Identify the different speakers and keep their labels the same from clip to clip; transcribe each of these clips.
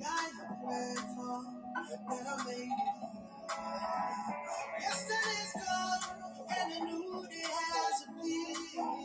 Speaker 1: God grateful that I made it. Yesterday's gone, a new day has appeared.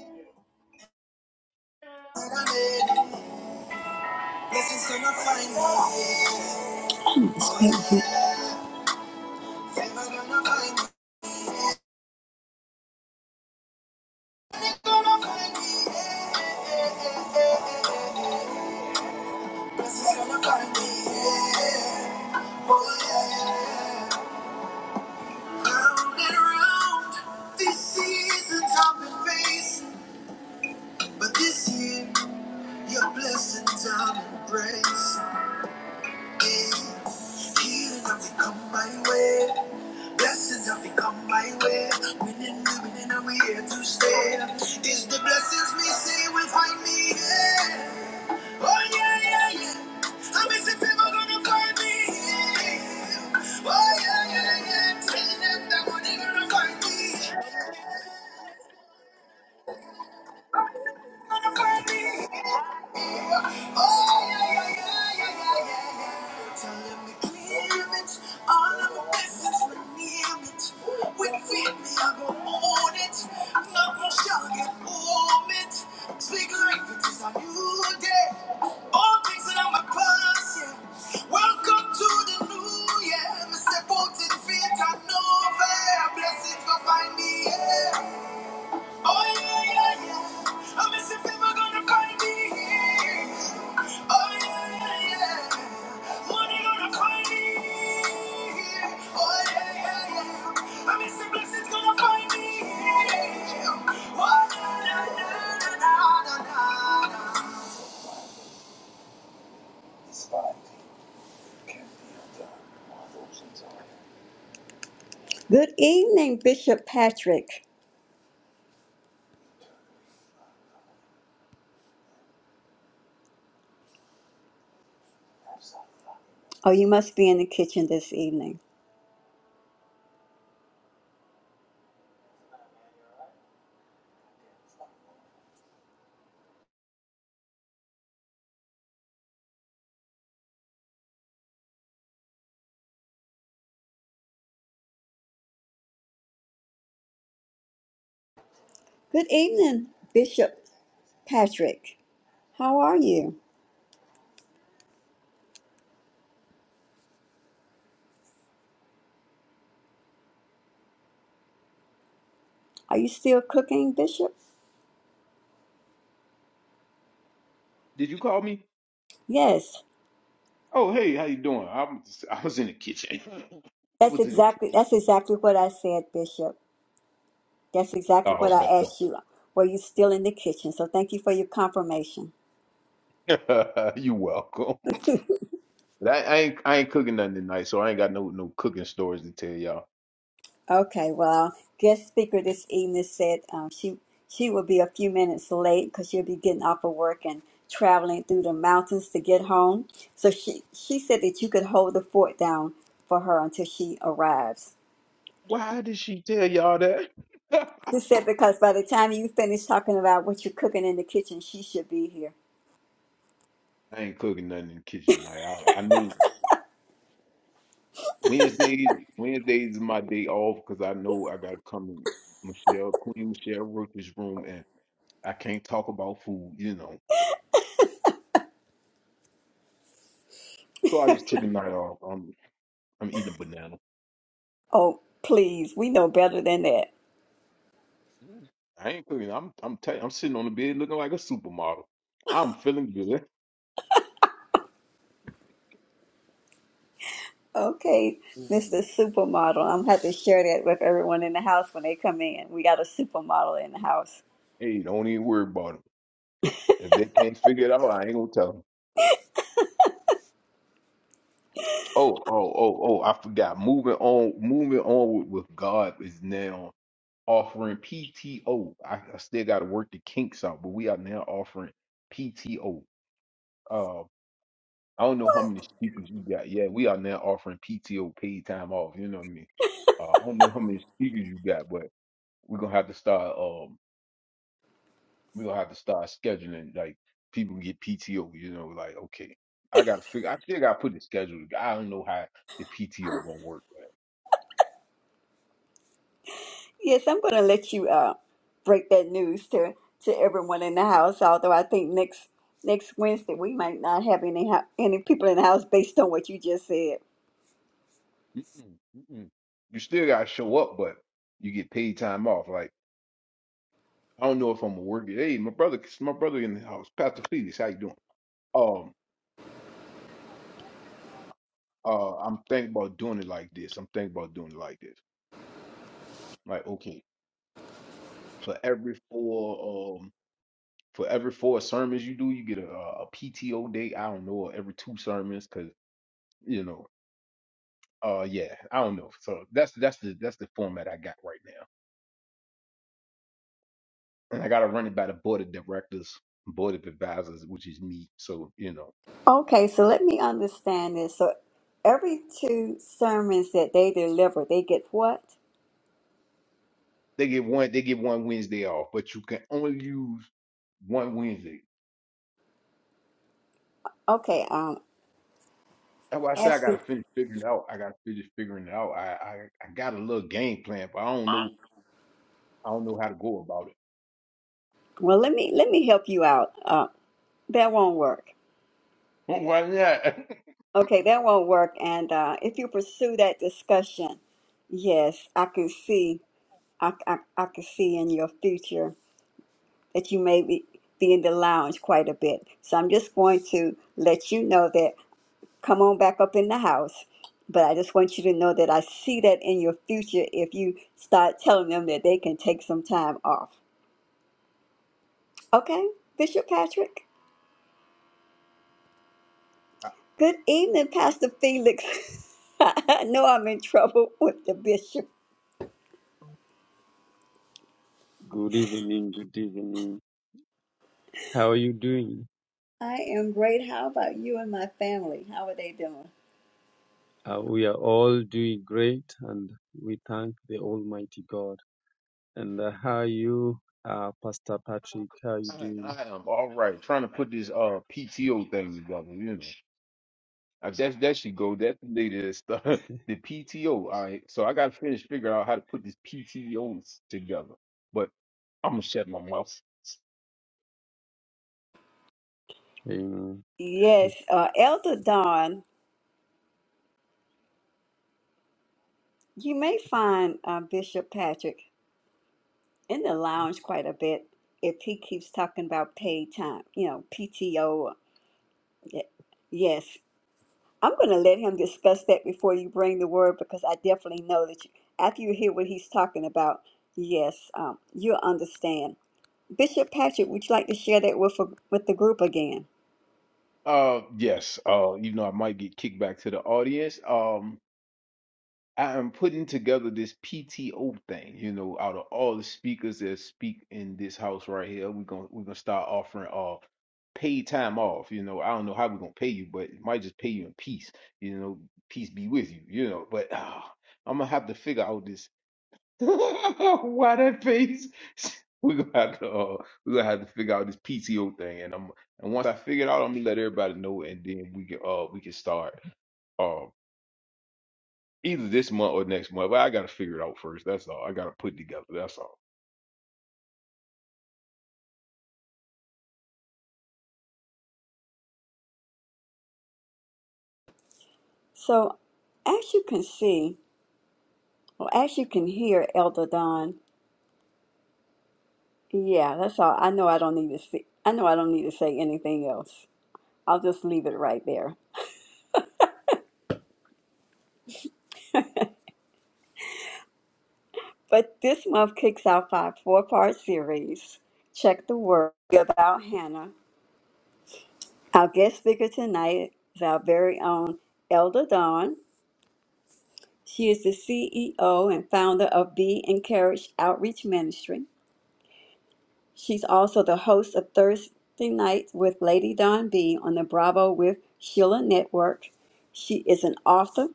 Speaker 1: Yeah, yeah, I'm standing up, that one ain't gonna find me. Oh, yeah, yeah, yeah, yeah, yeah, yeah, yeah. Tell him to clear it. All of my blessings from near it. Within me, I go own it. Not no shall get warm it. Speak life, it is a new day. All things that I'm a past, yeah. Welcome to the new year. Mr. Bolton, faith and know fair. Blessings go find me, yeah. Oh yeah, yeah, yeah. Oh yeah, yeah, yeah. Oh yeah, yeah, yeah. Oh yeah, yeah, yeah. Good evening, Bishop Patrick. Oh, you must be in the kitchen this evening. Good evening, Bishop Patrick. How are you? Are you still cooking, Bishop?
Speaker 2: Did you call me?
Speaker 1: Yes,
Speaker 2: Oh, hey, how you doing? I'm I was in the kitchen. I
Speaker 1: that's
Speaker 2: was in the kitchen.
Speaker 1: exactly that's exactly what I said, Bishop. That's exactly what
Speaker 2: Oh
Speaker 1: I
Speaker 2: man,
Speaker 1: asked you. Were you still in the kitchen? So thank you for your confirmation.
Speaker 2: don't. you welcome. But I, I ain't I ain't cooking nothing tonight, so I ain't got no no cooking stories to tell y'all.
Speaker 1: Okay, well, our guest speaker this evening said um, she she will be a few minutes late because she'll be getting off of work and traveling through the mountains to get home. So she she said that you could hold the fort down for her until she arrives.
Speaker 2: Why did she tell y'all that?
Speaker 1: She
Speaker 2: I
Speaker 1: said because by the time you finish talking about what you're cooking in the kitchen, she should be here.
Speaker 2: ain't cooking nothing in the kitchen tonight. I, I know Wednesdays Wednesdays is my day off because I know I gotta come in Michelle Queen Michelle Roach's room and I can't talk about food, you know. So I just took a night off. I'm I'm eating a banana.
Speaker 1: Oh, please, we know better than that.
Speaker 2: Mm, I ain't cooking. I'm I'm tight. I'm sitting on the bed looking like a supermodel. I'm feeling good. I'm
Speaker 1: Okay,
Speaker 2: feeling
Speaker 1: Mr.
Speaker 2: good.
Speaker 1: Supermodel, I'm gonna have to share that with everyone in the house when they come in. We got a supermodel in the house.
Speaker 2: Hey, don't even worry about it. If they can't figure it out, I ain't gonna tell them. Oh, oh, oh, oh! I forgot. Moving on, moving on with, with God is now offering PTO. I, I still got to work the kinks out, but we are now offering PTO. Uh, I don't know how many speakers you got. Yeah, we are now offering PTO, paid time off. You know what I mean? Uh, I don't know how many speakers you got, but we're gonna have to start um we're gonna have to start scheduling like people can get PTO, you know, like okay, I gotta figure I still gotta put the schedule together. I don't know how the PTO gonna work,
Speaker 1: Yes, I'm gonna let you uh break that news to to everyone in the house. Although I think next next Wednesday we might not have any hou- any people in the house based on what you just said.
Speaker 2: but mm-mm, mm-mm. you still gotta show up, but you get paid time off. Like I don't know if I'm gonna work it. Hey, my brother my brother in the house, Pastor Felix, how you doing? Um uh I'm thinking about doing it like this. I'm thinking about doing it like this. Like, okay, for every four um, for every four sermons you do, you get a, PTO day. I don't know, or every two sermons, cause you know, uh, yeah, I don't know. So that's that's the that's the format I got right now, and I got to run it by the board of directors, board of advisors, which is me. So you know,
Speaker 1: Okay, so let me understand this. So every two sermons that they deliver, they get what?
Speaker 2: they get one they get one Wednesday off, but you can only use one Wednesday.
Speaker 1: Okay, um,
Speaker 2: That's why I say I
Speaker 1: S B
Speaker 2: gotta finish figuring it out. I gotta finish figuring it out. I, I I got a little game plan, but I don't know I don't know how to go about
Speaker 1: Well, let me let me help you out. Uh, that won't work.
Speaker 2: it. Why not?
Speaker 1: Okay, that won't work. And uh, if you pursue that discussion, yes, I can see I, I, I can see in your future that you may be, be in the lounge quite a bit. So I'm just going to let you know that come on back up in the house. But I just want you to know that I see that in your future if you start telling them that they can take some time off. Okay, Bishop Patrick? Good evening, Pastor Felix. I know I'm in trouble with the bishop.
Speaker 3: Good evening, good evening. How are you doing?
Speaker 1: I am great. How about you and my family? How are they doing?
Speaker 3: Uh, we are all doing great and we thank the Almighty God. And uh, how are you, uh, Pastor Patrick? How are you
Speaker 2: I,
Speaker 3: doing?
Speaker 2: I am all right. Trying to put this uh PTO thing together, you know. I, that's that should go. That's the latest the PTO. All right. So I gotta finish figuring out how to put this PTOs together. But I'm gonna shut my mouth.
Speaker 3: Amen.
Speaker 1: Yes, uh, Elder Don, you may find uh, Bishop Patrick in the lounge quite a bit if he keeps talking about paid time, you know, PTO. Yes, I'm going to let him discuss that before you bring the word because I definitely know that you, after you hear what he's talking about, yes, um, you'll understand. Bishop Patrick, would you like to share that with with the group again?
Speaker 2: Uh yes. Uh, even though I might get kicked back to the audience. Um. I am putting together this PTO thing, you know, out of all the speakers that speak in this house right here, we're gonna we're gonna start offering uh paid time off. You know, I don't know how we're gonna pay you, but it might just pay you in peace. You know, peace be with you, you know. But uh, I'm gonna have to figure out this why that face. We're gonna have to uh, we're gonna have to figure out this PTO thing and I'm and once I figure it out I'm gonna let everybody know and then we can uh we can start. uh, either this month or next month. But I gotta figure it out first. That's all. I gotta put it together. That's all.
Speaker 1: So, as you can see, or as you can hear, Elder Don. Yeah, that's all. I know I don't need to see. I know I don't need to say anything else. I'll just leave it right there. But this month kicks off our four-part series. Check the word about Hannah. Our guest speaker tonight is our very own Elder Dawn. She is the CEO and founder of Be Encouraged Outreach Ministry She's also the host of Thursday Nights with Lady Don B on the Bravo with Sheila Network. She is an author,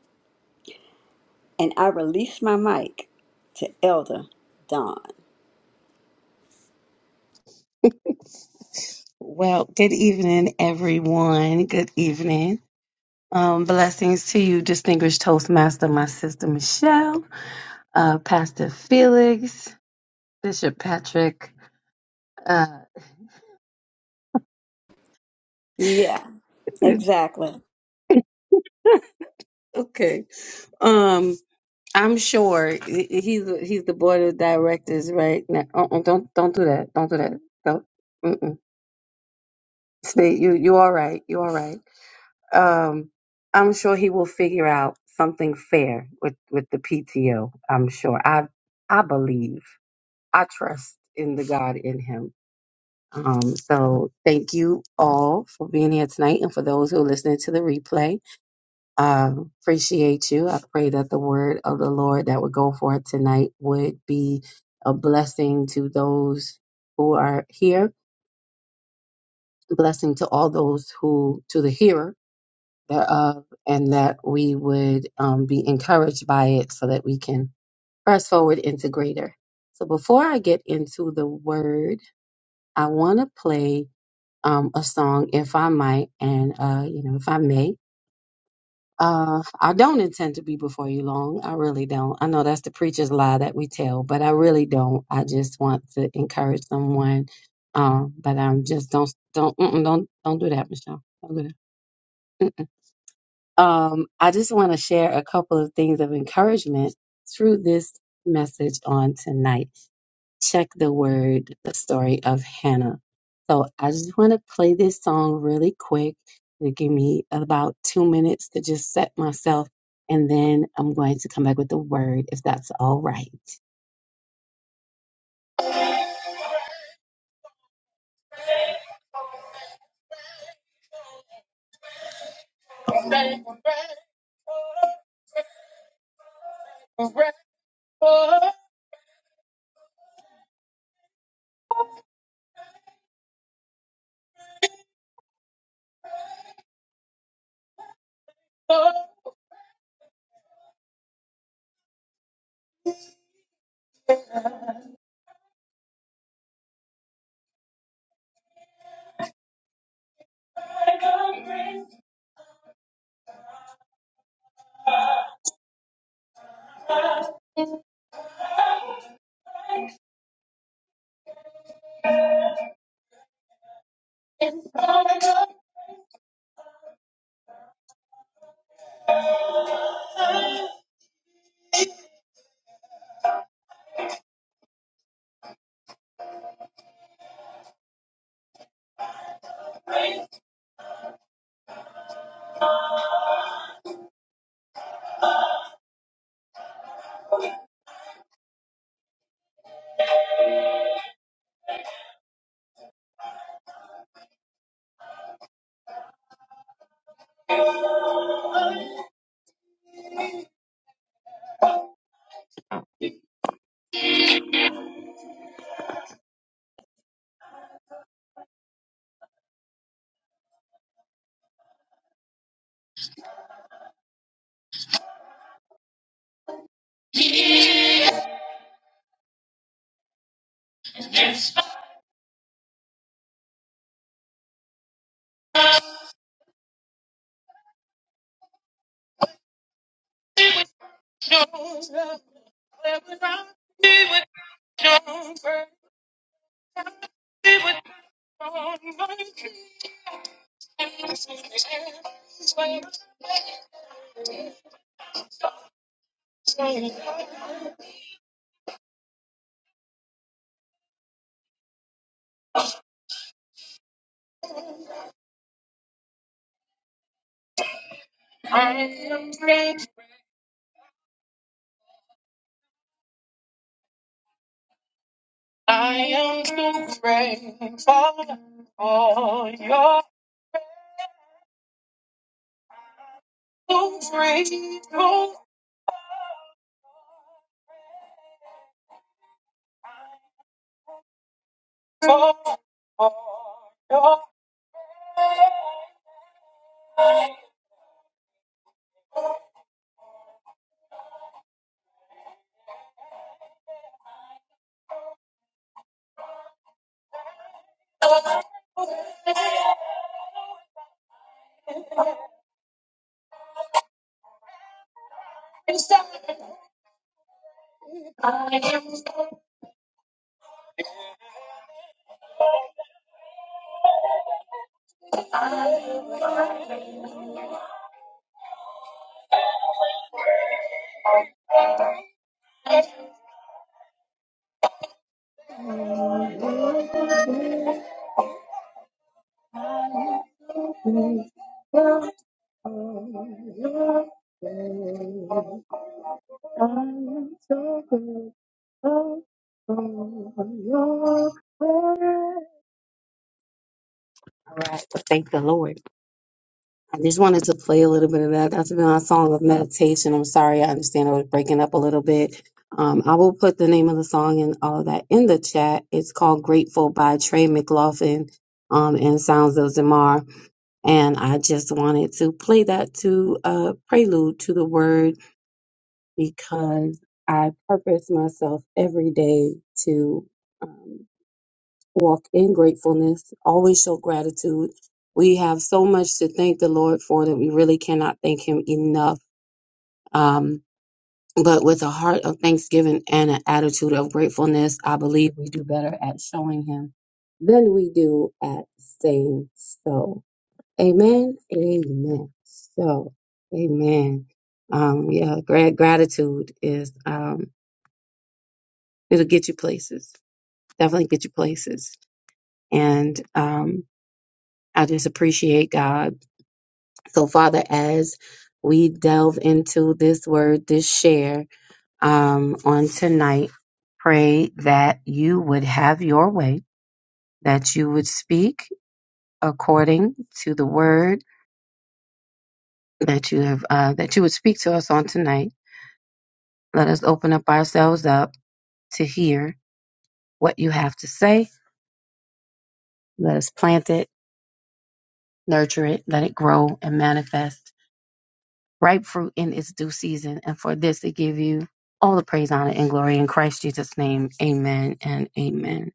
Speaker 1: and I release my mic to Elder Don.
Speaker 4: Well, good evening, everyone. Good evening. Um, blessings to you, distinguished Toastmaster, my sister Michelle, uh, Pastor Felix, Bishop Patrick. Uh,
Speaker 1: Yeah, exactly.
Speaker 4: okay. Um, I'm sure he- he's he's the board of directors right now. Uh-uh, don't don't do that. Don't do that. Don't. Mm-mm. Stay. You you all right? You all right? Um, I'm sure he will figure out something fair with, with the PTO. I'm sure. I I believe. I trust in the God in him. Um, so thank you all for being here tonight and for those who are listening to the replay. Um, appreciate you. I pray that the word of the Lord that would go forth tonight would be a blessing to those who are here, a blessing to all those who to the hearer thereof and that we would um, be encouraged by it so that we can press forward into greater. So before I get into the word, I want to play um, a song if I might and, uh, you know, if I may. Uh, I don't intend to be before you long. I really don't. I know that's the preacher's lie that we tell, but I really don't. I just want to encourage someone. Um, but I'm just don't don't mm-mm, don't don't do that, Michelle. Don't do that. Um, I just want to share a couple of things of encouragement through this message on tonight. Check the word, the story of Hannah. So I just want to play this song really quick. It'll give me about two minutes to just set myself, and then I'm going to come back with the word if that's all right. All right. Well, thank the Lord. I just wanted to play a little bit of that. That's been our song of meditation. I'm sorry, I understand I was breaking up a little bit. Um, I will put the name of the song and all of that in the chat. It's called Grateful by Trey McLaughlin um, and Sounds of Zamar. And I just wanted to play that to uh, prelude to the word because I purpose myself every day to. um, walk in gratefulness, always show gratitude. We have so much to thank the Lord for that we really cannot thank Him enough. Um, but with a heart of thanksgiving and an attitude of gratefulness, I believe we do better at showing Him than we do at saying so. Amen. Amen. So, amen. Um, yeah, gra- gratitude is, um, it'll get you places. Definitely get you places. And, um, I just appreciate God. So, Father, as we delve into this word, this share um, on tonight, pray that you would have your way, that you would speak according to the word that you have, uh, that you would speak to us on tonight. Let us open up ourselves up to hear what you have to say. Let us plant it, nurture it, let it grow and manifest ripe fruit in its due season. And for this, they give you all the praise, honor, and glory in Christ Jesus' name. Amen and amen.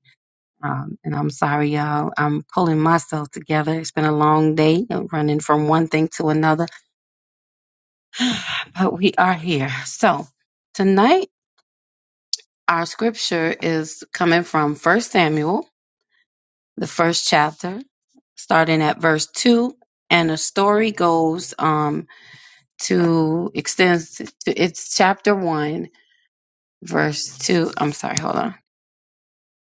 Speaker 4: Um, and I'm sorry, y'all. I'm pulling myself together. It's been a long day of running from one thing to another, but we are here. So tonight, our scripture is coming from First Samuel, the first chapter, starting at verse 2. And the story goes um, to extends to its chapter 1 verse 2. I'm sorry, hold on.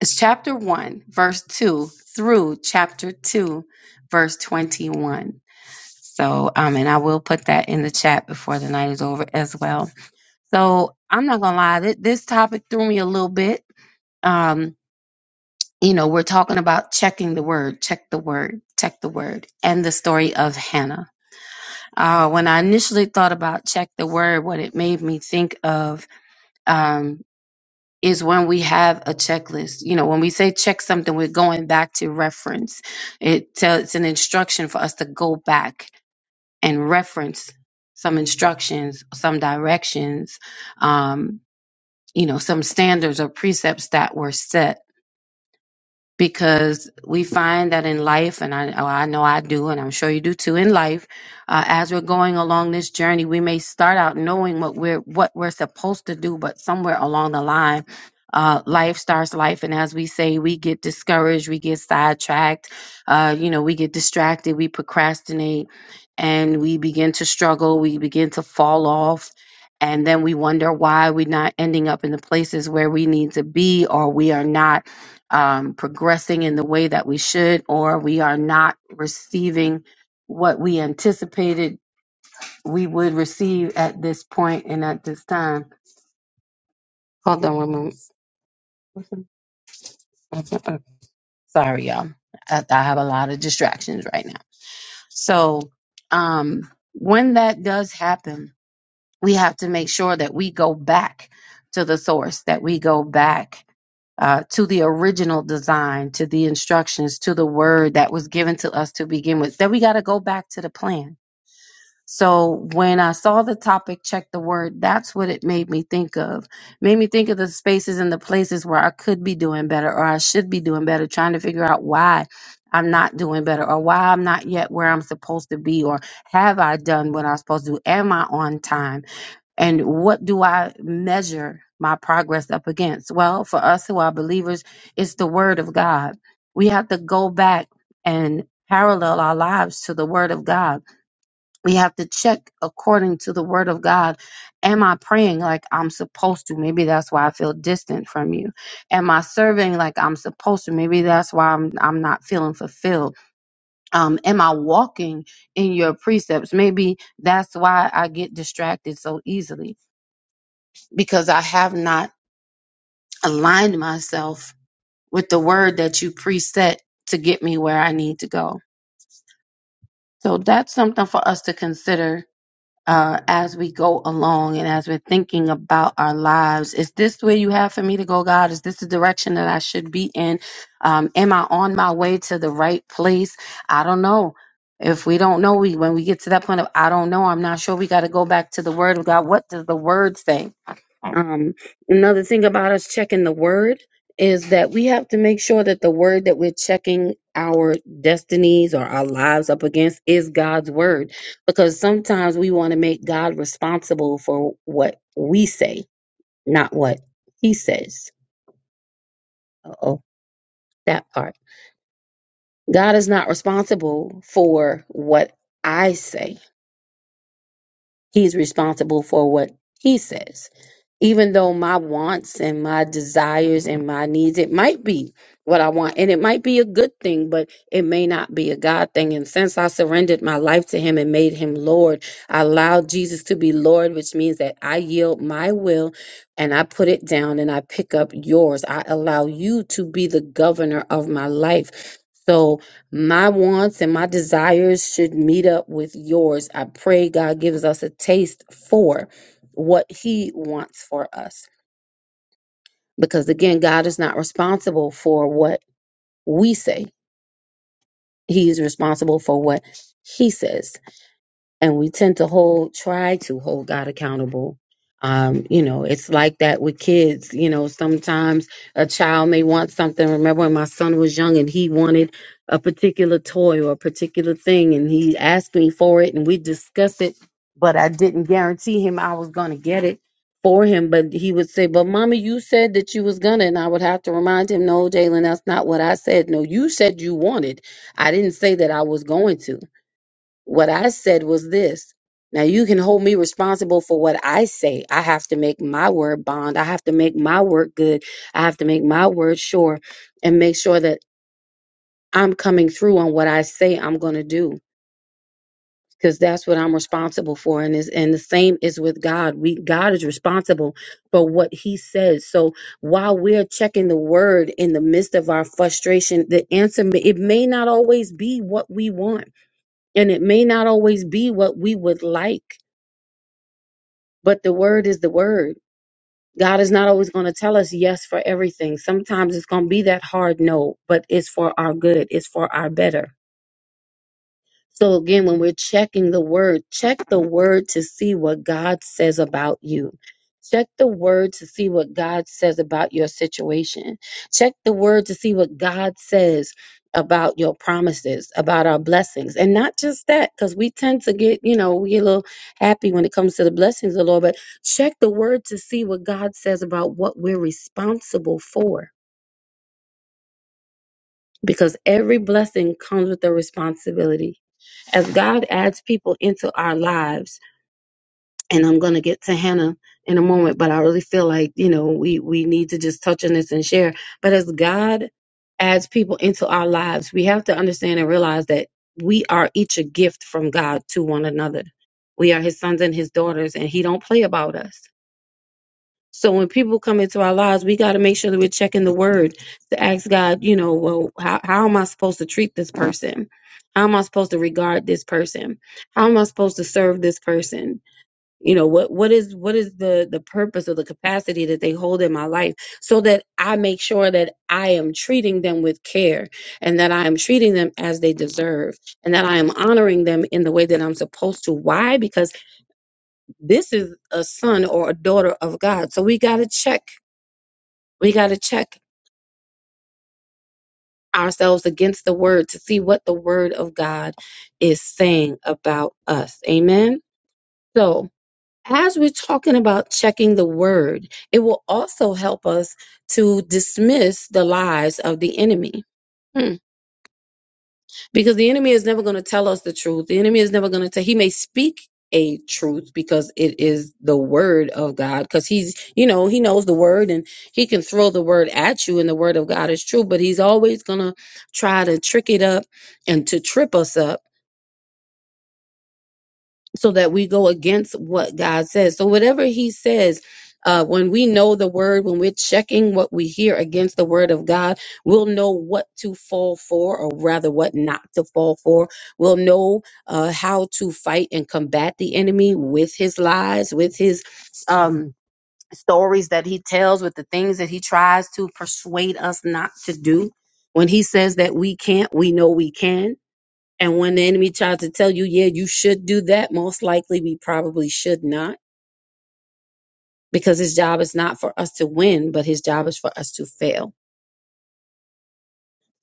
Speaker 4: It's chapter 1, verse 2 through chapter 2, verse 21. So, um, and I will put that in the chat before the night is over as well. So, I'm not gonna lie, th- this topic threw me a little bit. Um, you know, we're talking about checking the word, check the word, check the word, and the story of Hannah. Uh, when I initially thought about check the word, what it made me think of um. is when we have a checklist. You know, when we say check something, we're going back to reference. It tells it's an instruction for us to go back and reference some instructions, some directions, um, you know, some standards or precepts that were set because we find that in life, and I, oh, I know I do, and I'm sure you do too in life, uh, as we're going along this journey, we may start out knowing what we're what we're supposed to do, but somewhere along the line, uh, life starts life, and as we say, we get discouraged, we get sidetracked, uh, you know, we get distracted, we procrastinate, and we begin to struggle, we begin to fall off. And then we wonder why we're not ending up in the places where we need to be, or we are not um, progressing in the way that we should, or we are not receiving what we anticipated we would receive at this point and at this time. Hold on one moment. Sorry, y'all. I, I have a lot of distractions right now. So, um, when that does happen, we have to make sure that we go back to the source, that we go back uh, to the original design, to the instructions, to the word that was given to us to begin with. Then we got to go back to the plan. So when I saw the topic, check the word, that's what it made me think of. Made me think of the spaces and the places where I could be doing better or I should be doing better, trying to figure out why I'm not doing better or why I'm not yet where I'm supposed to be or have I done what I'm supposed to do? Am I on time? And what do I measure my progress up against? Well, for us who are believers, it's the Word of God. We have to go back and parallel our lives to the Word of God. We have to check according to the Word of God. Am I praying like I'm supposed to? Maybe that's why I feel distant from you. Am I serving like I'm supposed to? Maybe that's why I'm I'm not feeling fulfilled. Um, am I walking in your precepts? Maybe that's why I get distracted so easily because I have not aligned myself with the word that you preset to get me where I need to go. So that's something for us to consider uh, as we go along and as we're thinking about our lives. Is this where you have for me to go, God? Is this the direction that I should be in? Um, am I on my way to the right place? I don't know. If we don't know, we when we get to that point of I don't know, I'm not sure. We got to go back to the Word of God. What does the Word say? Um, another thing about us checking the word is that we have to make sure that the word that we're checking our destinies or our lives up against is God's word, because sometimes we want to make God responsible for what we say, not what He says. Uh oh, that part. God is not responsible for what I say. He's responsible for what He says. even though my wants and my desires and my needs, it might be what I want and it might be a good thing, but it may not be a God thing. And since I surrendered my life to Him and made Him Lord, I allowed Jesus to be Lord, which means that I yield my will and I put it down and I pick up yours. I allow you to be the governor of my life. So my wants and my desires should meet up with yours. I pray God gives us a taste for what he wants for us. Because again, God is not responsible for what we say. He is responsible for what he says. and we tend to hold try to hold god accountable um you know it's like that with kids you know sometimes a child may want something remember when my son was young and he wanted a particular toy or a particular thing and he asked me for it and we discussed it but i didn't guarantee him i was going to get it for him but he would say but mommy you said that you was gonna and i would have to remind him no jalen that's not what i said no you said you wanted i didn't say that i was going to what I said was this. Now you can hold me responsible for what I say. I have to make my word bond. I have to make my word good. I have to make my word sure and make sure that I'm coming through on what I say I'm going to do because that's what I'm responsible for and is and the same is with God. We God is responsible for what he says. So while we're checking the word in the midst of our frustration, the answer may, it may not always be what we want and it may not always be what we would like But the word is the word. God is not always going to tell us yes for everything. Sometimes it's going to be that hard no, but it's for our good, it's for our better. So again, when we're checking the word, check the word to see what God says about you. Check the word to see what God says about your situation. Check the word to see what God says about your promises, about our blessings. And not just that, because we tend to get, you know, we get a little happy when it comes to the blessings of the Lord, but check the word to see what God says about what we're responsible for. Because every blessing comes with a responsibility as God adds people into our lives, and I'm going to get to Hannah in a moment, but I really feel like, you know, we, we need to just touch on this and share. But as God adds people into our lives, we have to understand and realize that we are each a gift from God to one another. We are his sons and his daughters, and he don't play about us so when people come into our lives, we got to make sure that we're checking the word to ask God, you know, well, how, how am I supposed to treat this person? How am I supposed to regard this person? How am I supposed to serve this person? You know, what what is what is the the purpose or the capacity that they hold in my life so that I make sure that I am treating them with care and that I am treating them as they deserve and that I am honoring them in the way that I'm supposed to. Why? Because this is a son or a daughter of God. So we got to check we got to check ourselves against the word to see what the word of God is saying about us. Amen. So, as we're talking about checking the word, it will also help us to dismiss the lies of the enemy. Hmm. because the enemy is never going to tell us the truth. The enemy is never going to tell. He may speak a truth because it is the word of God. Because he's, you know, he knows the word and he can throw the word at you, and the word of God is true. But he's always going to try to trick it up and to trip us up so that we go against what God says. So whatever He says, uh, when we know the word, when we're checking what we hear against the word of God, we'll know what to fall for, or rather, what not to fall for. We'll know uh, how to fight and combat the enemy with his lies, with his um, stories that he tells, with the things that he tries to persuade us not to do. When he says that we can't, we know we can and when the enemy tries to tell you, yeah, you should do that, most likely we probably should not because his job is not for us to win, but his job is for us to fail.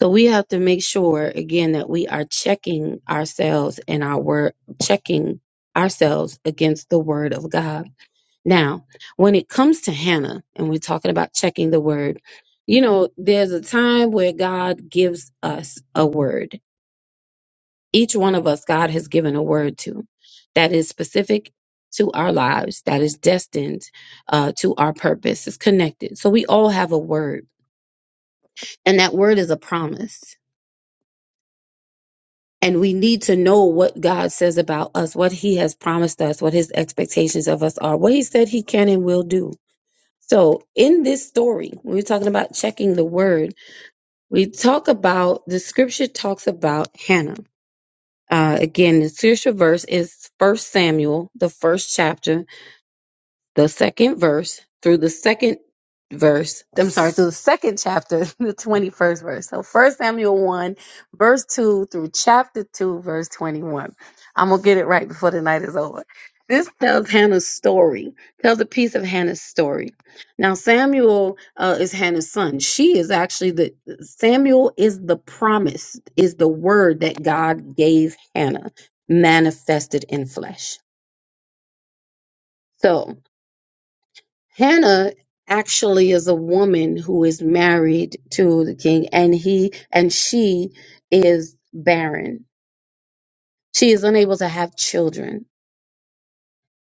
Speaker 4: So we have to make sure, again, that we are checking ourselves and our word, checking ourselves against the word of God. Now, when it comes to Hannah, and we're talking about checking the word, you know, there's a time where God gives us a word Each one of us, God has given a word to that is specific to our lives, that is destined uh, to our purpose, is connected. So we all have a word, and that word is a promise. And we need to know what God says about us, what He has promised us, what His expectations of us are, what He said He can and will do. So, in this story, when we're talking about checking the word, we talk about the scripture talks about Hannah. Uh, again, the scripture verse is First Samuel, the first chapter, the second verse through the second verse. I'm sorry, through the second chapter, the 21st verse. So First Samuel 1, verse 2 through chapter 2, verse 21. I'm going to get it right before the night is over. This tells Hannah's story, tells a piece of Hannah's story. Now, Samuel uh, is Hannah's son. She is actually the, Samuel is the promise, is the word that God gave Hannah manifested in flesh. So, Hannah actually is a woman who is married to the king and he and she is barren. She is unable to have children.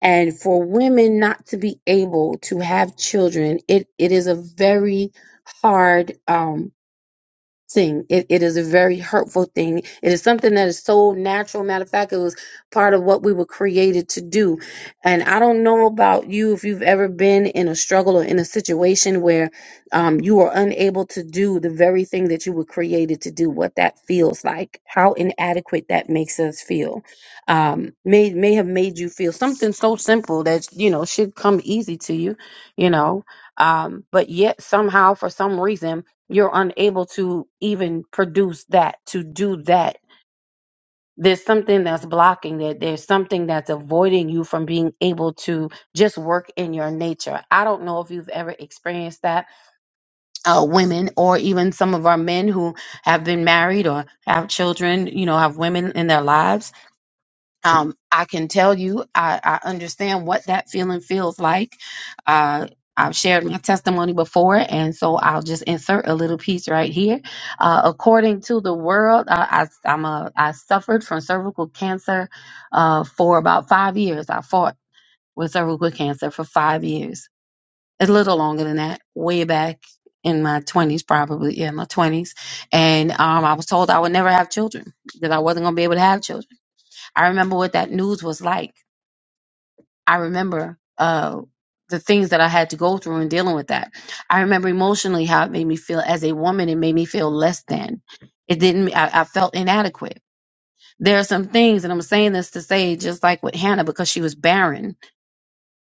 Speaker 4: And for women not to be able to have children, it, it is a very hard um thing. It, it is a very hurtful thing. It is something that is so natural. Matter of fact, it was part of what we were created to do. And I don't know about you if you've ever been in a struggle or in a situation where um, you are unable to do the very thing that you were created to do, what that feels like, how inadequate that makes us feel. Um, may, may have made you feel something so simple that, you know, should come easy to you, you know. Um, but yet somehow, for some reason, you're unable to even produce that, to do that. There's something that's blocking it. There's something that's avoiding you from being able to just work in your nature. I don't know if you've ever experienced that, uh, women or even some of our men who have been married or have children, you know, have women in their lives um, I can tell you, I, I understand what that feeling feels like. Uh, I've shared my testimony before, and so I'll just insert a little piece right here. Uh, according to the world, I, I, I'm a, I suffered from cervical cancer uh, for about five years. I fought with cervical cancer for five years. It's a little longer than that, way back in my 20s, probably, yeah, my 20s. And um, I was told I would never have children, that I wasn't going to be able to have children. I remember what that news was like. I remember uh, the things that I had to go through in dealing with that. I remember emotionally how it made me feel as a woman. It made me feel less than. It didn't. I, I felt inadequate. There are some things, and I'm saying this to say, just like with Hannah, because she was barren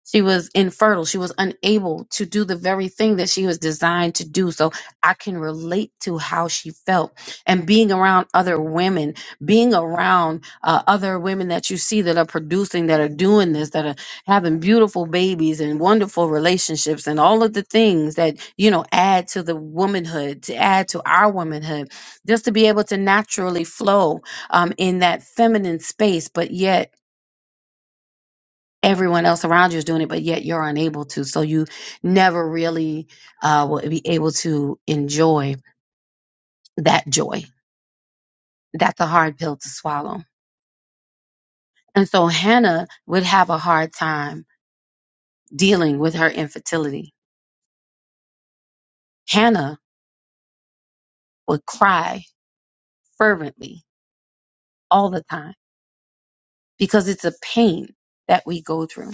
Speaker 4: she was infertile. She was unable to do the very thing that she was designed to do. So I can relate to how she felt. And being around other women, being around uh, other women that you see that are producing, that are doing this, that are having beautiful babies and wonderful relationships and all of the things that, you know, add to the womanhood, to add to our womanhood, just to be able to naturally flow um, in that feminine space, but yet everyone else around you is doing it, but yet you're unable to. So you never really uh, will be able to enjoy that joy. That's a hard pill to swallow. And so Hannah would have a hard time dealing with her infertility. Hannah would cry fervently all the time because it's a pain that we go through.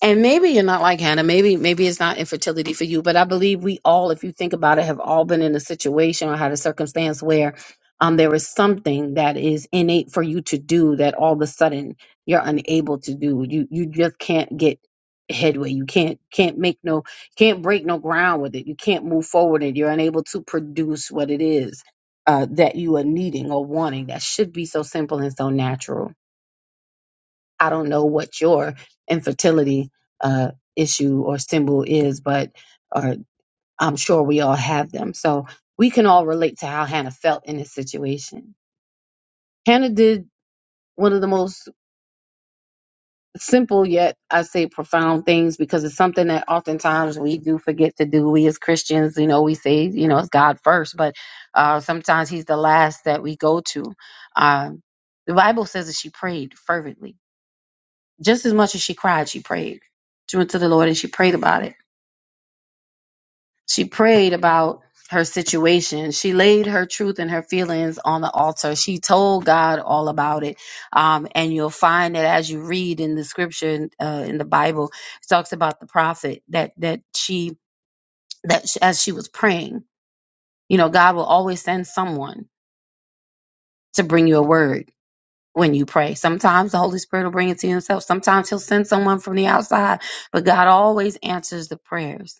Speaker 4: And maybe you're not like Hannah. Maybe maybe it's not infertility for you, but I believe we all, if you think about it, have all been in a situation or had a circumstance where um there is something that is innate for you to do that all of a sudden you're unable to do. You you just can't get headway. You can't can't make no can't break no ground with it. You can't move forward and you're unable to produce what it is uh that you are needing or wanting. That should be so simple and so natural. I don't know what your infertility uh, issue or symbol is, but or I'm sure we all have them. So we can all relate to how Hannah felt in this situation. Hannah did one of the most simple yet I say profound things because it's something that oftentimes we do forget to do. We as Christians, you know, we say, you know, it's God first, but uh, sometimes He's the last that we go to. Um, the Bible says that she prayed fervently Just as much as she cried, she prayed. She went to the Lord and she prayed about it. She prayed about her situation. She laid her truth and her feelings on the altar. She told God all about it. Um, and you'll find that as you read in the scripture uh, in the Bible, it talks about the prophet that that she that she, as she was praying, you know, God will always send someone to bring you a word when you pray. Sometimes the Holy Spirit will bring it to you himself. Sometimes he'll send someone from the outside, but God always answers the prayers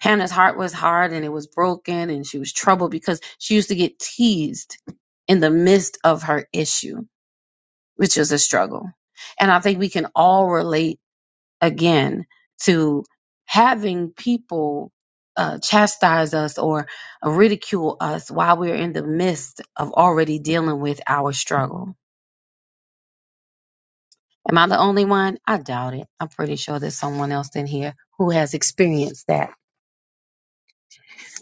Speaker 4: Hannah's heart was hard and it was broken and she was troubled because she used to get teased in the midst of her issue, which is a struggle. And I think we can all relate again to having people uh, chastise us or ridicule us while we're in the midst of already dealing with our struggle. Am I the only one? I doubt it. I'm pretty sure there's someone else in here who has experienced that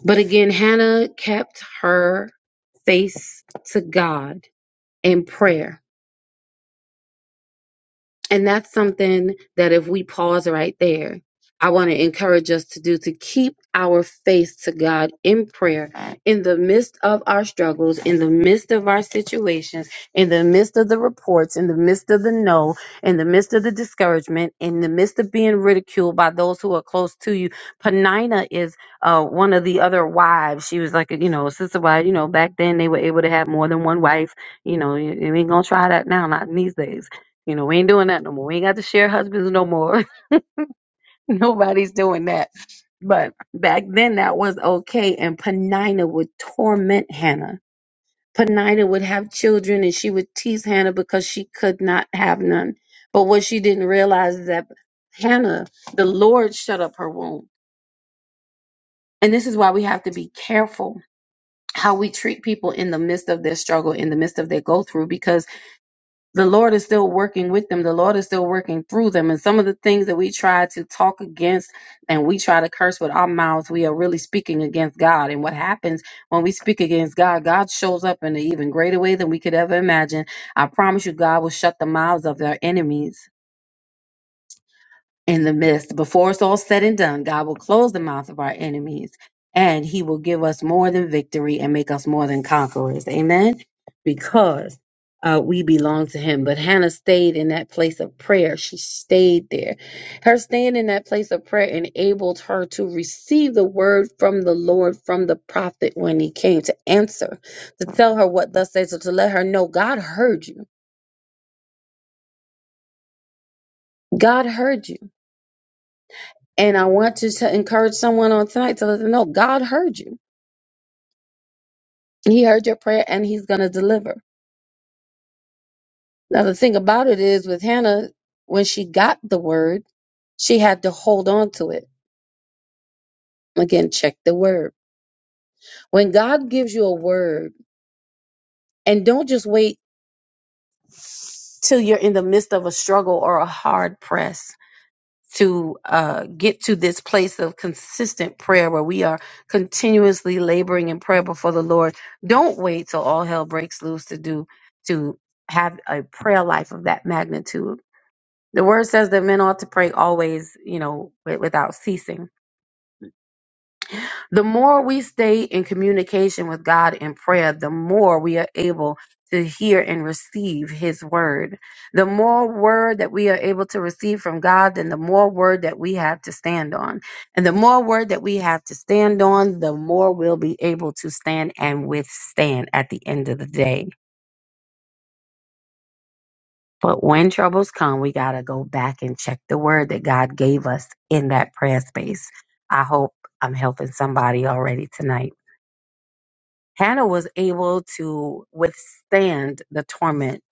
Speaker 4: But again, Hannah kept her face to God in prayer. And that's something that if we pause right there, I want to encourage us to do to keep our face to God in prayer in the midst of our struggles, in the midst of our situations, in the midst of the reports, in the midst of the no, in the midst of the discouragement, in the midst of being ridiculed by those who are close to you. Penina is uh, one of the other wives. She was like, you know, a sister wife. You know, back then they were able to have more than one wife. You know, you, you ain't gonna try that now, not in these days. You know, we ain't doing that no more. We ain't got to share husbands no more. Nobody's doing that. But back then that was okay. And Penina would torment Hannah. Penina would have children and she would tease Hannah because she could not have none. But what she didn't realize is that Hannah, the Lord shut up her womb. And this is why we have to be careful how we treat people in the midst of their struggle, in the midst of their go through, because the Lord is still working with them. The Lord is still working through them. And some of the things that we try to talk against and we try to curse with our mouths, we are really speaking against God. And what happens when we speak against God, God shows up in an even greater way than we could ever imagine. I promise you, God will shut the mouths of their enemies in the midst. Before it's all said and done, God will close the mouth of our enemies and he will give us more than victory and make us more than conquerors. Amen. Because uh, we belong to him. But Hannah stayed in that place of prayer. She stayed there. Her staying in that place of prayer enabled her to receive the word from the Lord, from the prophet when he came to answer, to tell her what thus says, or to let her know God heard you. God heard you. And I want you to encourage someone on tonight to let them know God heard you. He heard your prayer and he's going to deliver. Now, the thing about it is with Hannah, when she got the word, she had to hold on to it. Again, check the word. When God gives you a word, and don't just wait till you're in the midst of a struggle or a hard press. to uh, get to this place of consistent prayer where we are continuously laboring in prayer before the Lord. Don't wait till all hell breaks loose to do to have a prayer life of that magnitude. The word says that men ought to pray always, you know, wi- without ceasing. The more we stay in communication with God in prayer, the more we are able to hear and receive His word. The more word that we are able to receive from God, then the more word that we have to stand on. And the more word that we have to stand on, the more we'll be able to stand and withstand at the end of the day. But when troubles come, we got to go back and check the word that God gave us in that prayer space. I hope I'm helping somebody already tonight. Hannah was able to withstand the torment,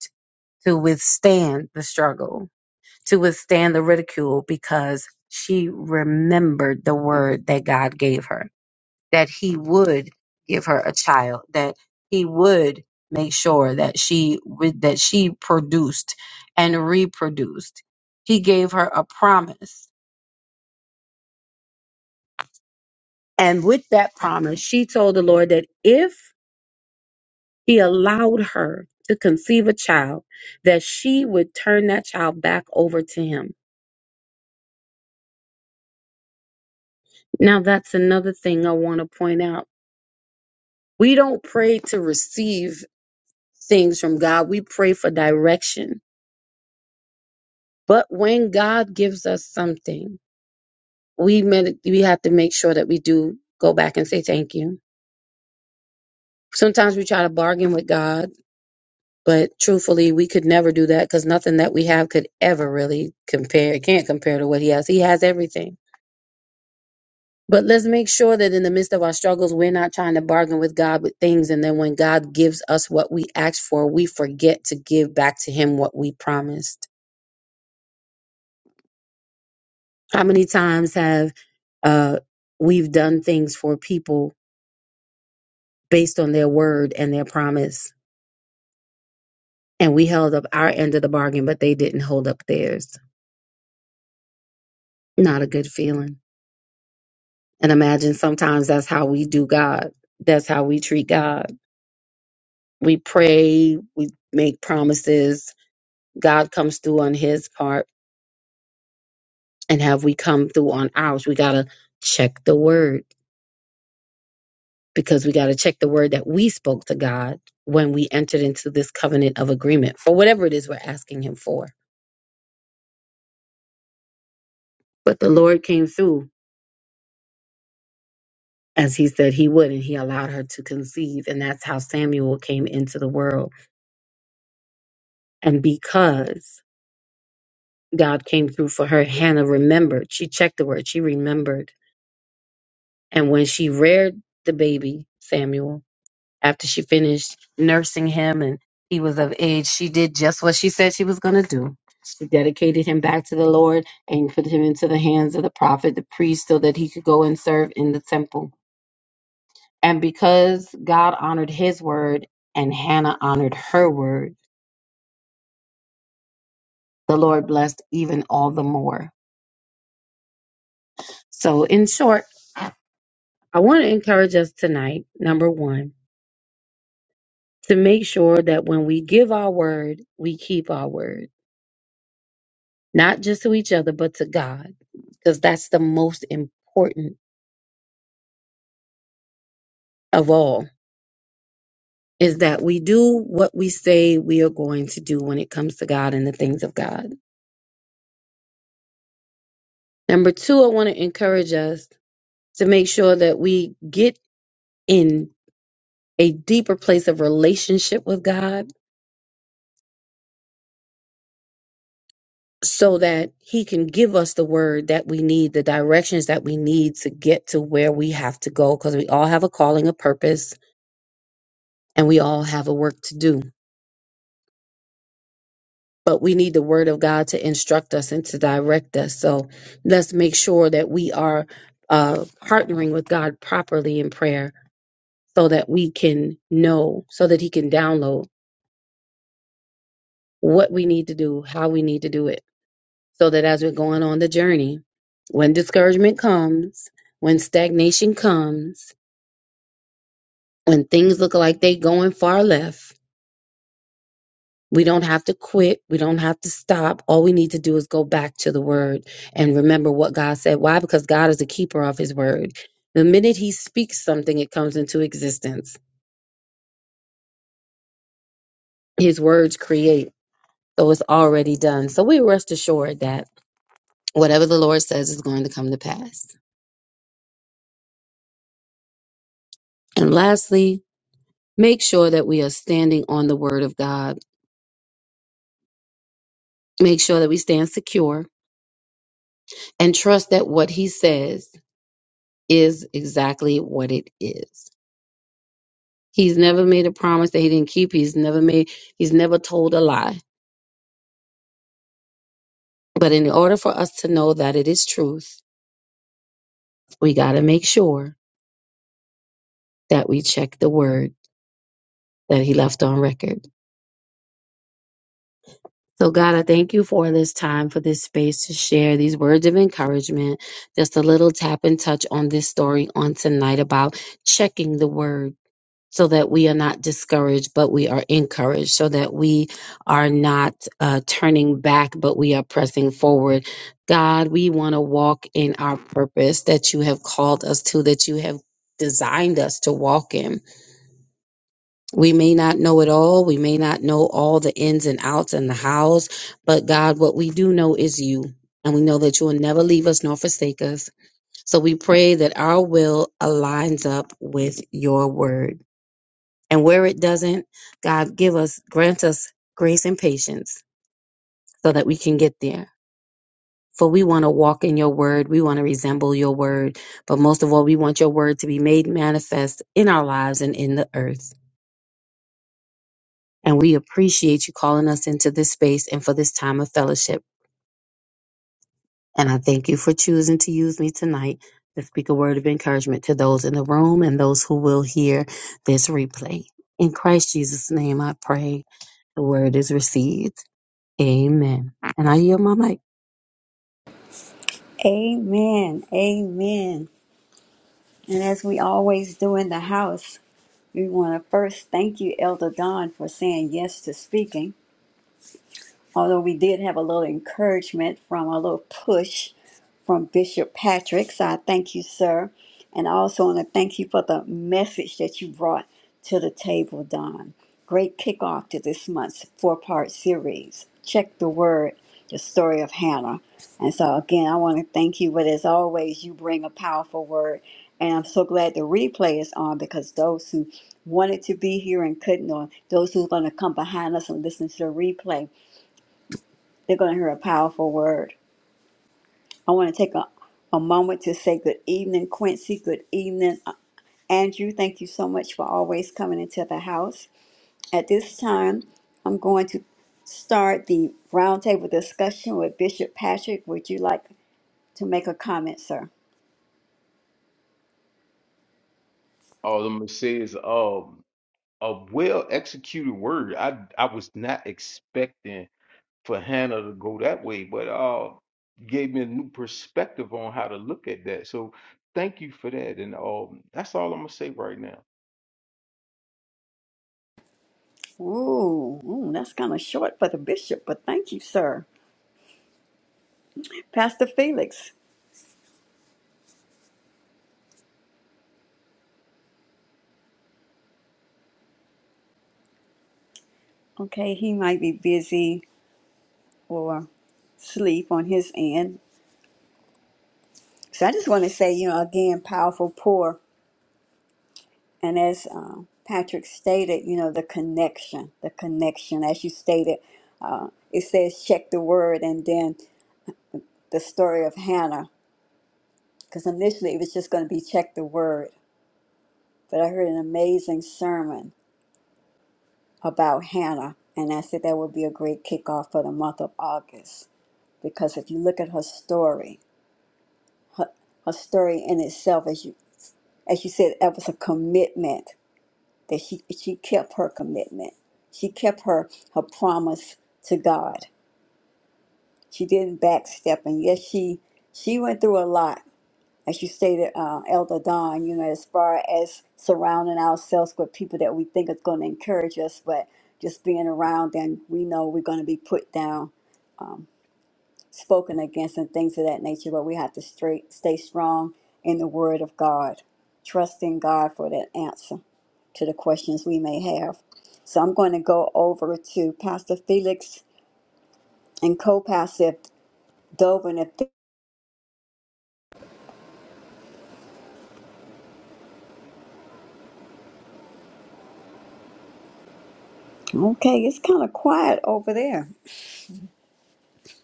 Speaker 4: to withstand the struggle, to withstand the ridicule because she remembered the word that God gave her, that He would give her a child, that He would make sure that she would, that she produced and reproduced. He gave her a promise. And with that promise, she told the Lord that if He allowed her to conceive a child that she would turn that child back over to him. Now, that's another thing I want to point out. We don't pray to receive things from God, we pray for direction. But when God gives us something, we, med- we have to make sure that we do go back and say thank you. Sometimes we try to bargain with God, but truthfully, we could never do that because nothing that we have could ever really compare. It can't compare to what He has. He has everything. But let's make sure that in the midst of our struggles, we're not trying to bargain with God with things. And then when God gives us what we asked for, we forget to give back to Him what we promised. How many times have uh, we've done things for people based on their word and their promise, and we held up our end of the bargain, but they didn't hold up theirs? Not a good feeling. And imagine sometimes that's how we do God. That's how we treat God. We pray, we make promises, God comes through on his part and have we come through on ours? We got to check the word because we got to check the word that we spoke to God when we entered into this covenant of agreement for whatever it is we're asking him for. But the Lord came through as he said he would and he allowed her to conceive and that's how Samuel came into the world. And because God came through for her, Hannah remembered. She checked the word, she remembered. And when she reared the baby, Samuel, after she finished nursing him and he was of age, she did just what she said she was going to do. She dedicated him back to the Lord and put him into the hands of the prophet, the priest, so that he could go and serve in the temple. And because God honored his word and Hannah honored her word, the Lord blessed even all the more. So, in short, I want to encourage us tonight, number one, to make sure that when we give our word, we keep our word not just to each other, but to God, because that's the most important of all is that we do what we say we are going to do when it comes to God and the things of God. Number two, I want to encourage us to make sure that we get in a deeper place of relationship with God so that He can give us the word that we need, the directions that we need to get to where we have to go, because we all have a calling, a purpose, and we all have a work to do. but we need the word of God to instruct us and to direct us. So let's make sure that we are uh, partnering with God properly in prayer so that we can know, so that He can download what we need to do, how we need to do it, so that as we're going on the journey, when discouragement comes, when stagnation comes, when things look like they going far left, We don't have to quit. We don't have to stop. All we need to do is go back to the word and remember what God said. Why? Because God is a keeper of his word. The minute he speaks something, it comes into existence. His words create. So it's already done. So we rest assured that whatever the Lord says is going to come to pass. And lastly, make sure that we are standing on the word of God. Make sure that we stand secure and trust that what he says is exactly what it is. He's never made a promise that he didn't keep. He's never made, he's never told a lie. But in order for us to know that it is truth, we got to make sure that we check the word that he left on record. So, God, I thank you for this time, for this space to share these words of encouragement, just a little tap and touch on this story on tonight about checking the word. so that we are not discouraged, but we are encouraged, so that we are not uh, turning back, but we are pressing forward. God, we want to walk in our purpose that you have called us to, that you have designed us to walk in. We may not know it all. We may not know all the ins and outs and the hows, but God, what we do know is you. And we know that you will never leave us nor forsake us. So we pray that our will aligns up with your word. And where it doesn't, God, give us, grant us grace and patience so that we can get there. For we want to walk in your word. We want to resemble your word. But most of all, we want your word to be made manifest in our lives and in the earth. And we appreciate you calling us into this space and for this time of fellowship. And I thank you for choosing to use me tonight to speak a word of encouragement to those in the room and those who will hear this replay. In Christ Jesus' name, I pray the word is received. Amen. And I yield my mic.
Speaker 1: Amen. Amen. And as we always do in the house, we want to first thank you, Elder Don, for saying yes to speaking. although we did have a little encouragement from a little push from Bishop Patrick. So I thank you, sir. And I also want to thank you for the message that you brought to the table, Don. Great kickoff to this month's four part series. Check the word, the story of Hannah. And so, again, I want to thank you. But as always, you bring a powerful word. And I'm so glad the replay is on because those who wanted to be here and couldn't, or those who are going to come behind us and listen to the replay, they're going to hear a powerful word. I want to take a, a moment to say good evening, Quincy. Good evening, uh, Andrew. Thank you so much for always coming into the house. At this time, I'm going to start the roundtable discussion with Bishop Patrick. Would you like to make a comment, sir?
Speaker 2: All I'm gonna say is um a well executed word. I I was not expecting for Hannah to go that way, but uh gave me a new perspective on how to look at that. So thank you for that. And um that's all I'm gonna say right now.
Speaker 1: Ooh, ooh that's kind of short for the bishop, but thank you, sir. Pastor Felix. Okay, he might be busy or sleep on his end. So I just want to say, you know, again, powerful pour. And as um, Patrick stated, you know, the connection, the connection, as you stated, uh, it says check the word and then the story of Hannah, because initially it was just going to be check the word. But I heard an amazing sermon about Hannah, and I said that would be a great kickoff for the month of August, because if you look at her story, her, her story in itself, as you as you said, that was a commitment that she, she kept her commitment. She kept her, her promise to God. She didn't backstep. And yes, she she went through a lot, as you stated, uh, Elder Don, you know, as far as surrounding ourselves with people that we think is going to encourage us, but just being around them, we know we're going to be put down, spoken against, and things of that nature. But we have to straight, stay strong in the Word of God, trusting God for that answer. to the questions we may have. So I'm going to go over to Pastor Felix and co-pastor Dovin. If okay, it's kind of quiet over there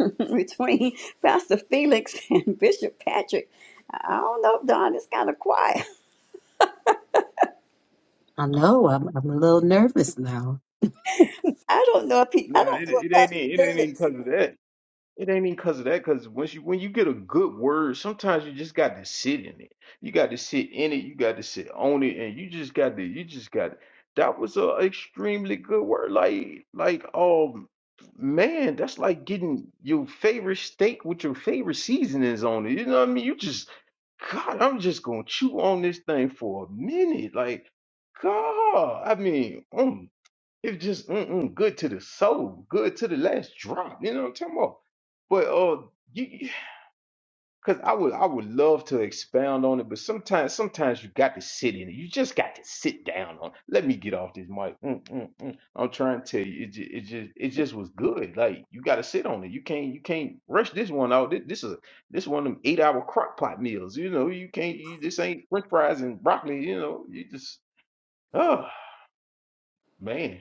Speaker 1: between Pastor Felix and Bishop Patrick. I don't know, Don. It's kind of quiet.
Speaker 4: I know I'm, I'm a little nervous now.
Speaker 1: I don't know if he,
Speaker 2: No,
Speaker 1: I don't
Speaker 2: it,
Speaker 1: know if
Speaker 2: it ain't
Speaker 1: Pastor
Speaker 2: it ain't
Speaker 1: Felix.
Speaker 2: because of that. It ain't even because of that. Because once you when you get a good word, sometimes you just got to sit in it. You got to sit in it. You got to sit on it, and you just got to. You just got. That was a extremely good word. Like like um man, that's like getting your favorite steak with your favorite seasonings on it. You know what I mean? You just God, I'm just gonna chew on this thing for a minute. Like God, I mean, mm. It's just mm-mm, good to the soul, good to the last drop. You know what I'm talking about? But uh, you, because I would, I would love to expound on it, but sometimes, sometimes you got to sit in it. You just got to sit down on. it. Let me get off this mic. Mm, mm, mm. I'm trying to tell you, it, ju- it just, it just was good. Like you got to sit on it. You can't, you can't rush this one out. This, this is a- this one of them eight hour crock pot meals. You know, you can't. You, this ain't French fries and broccoli. You know, you just, oh man.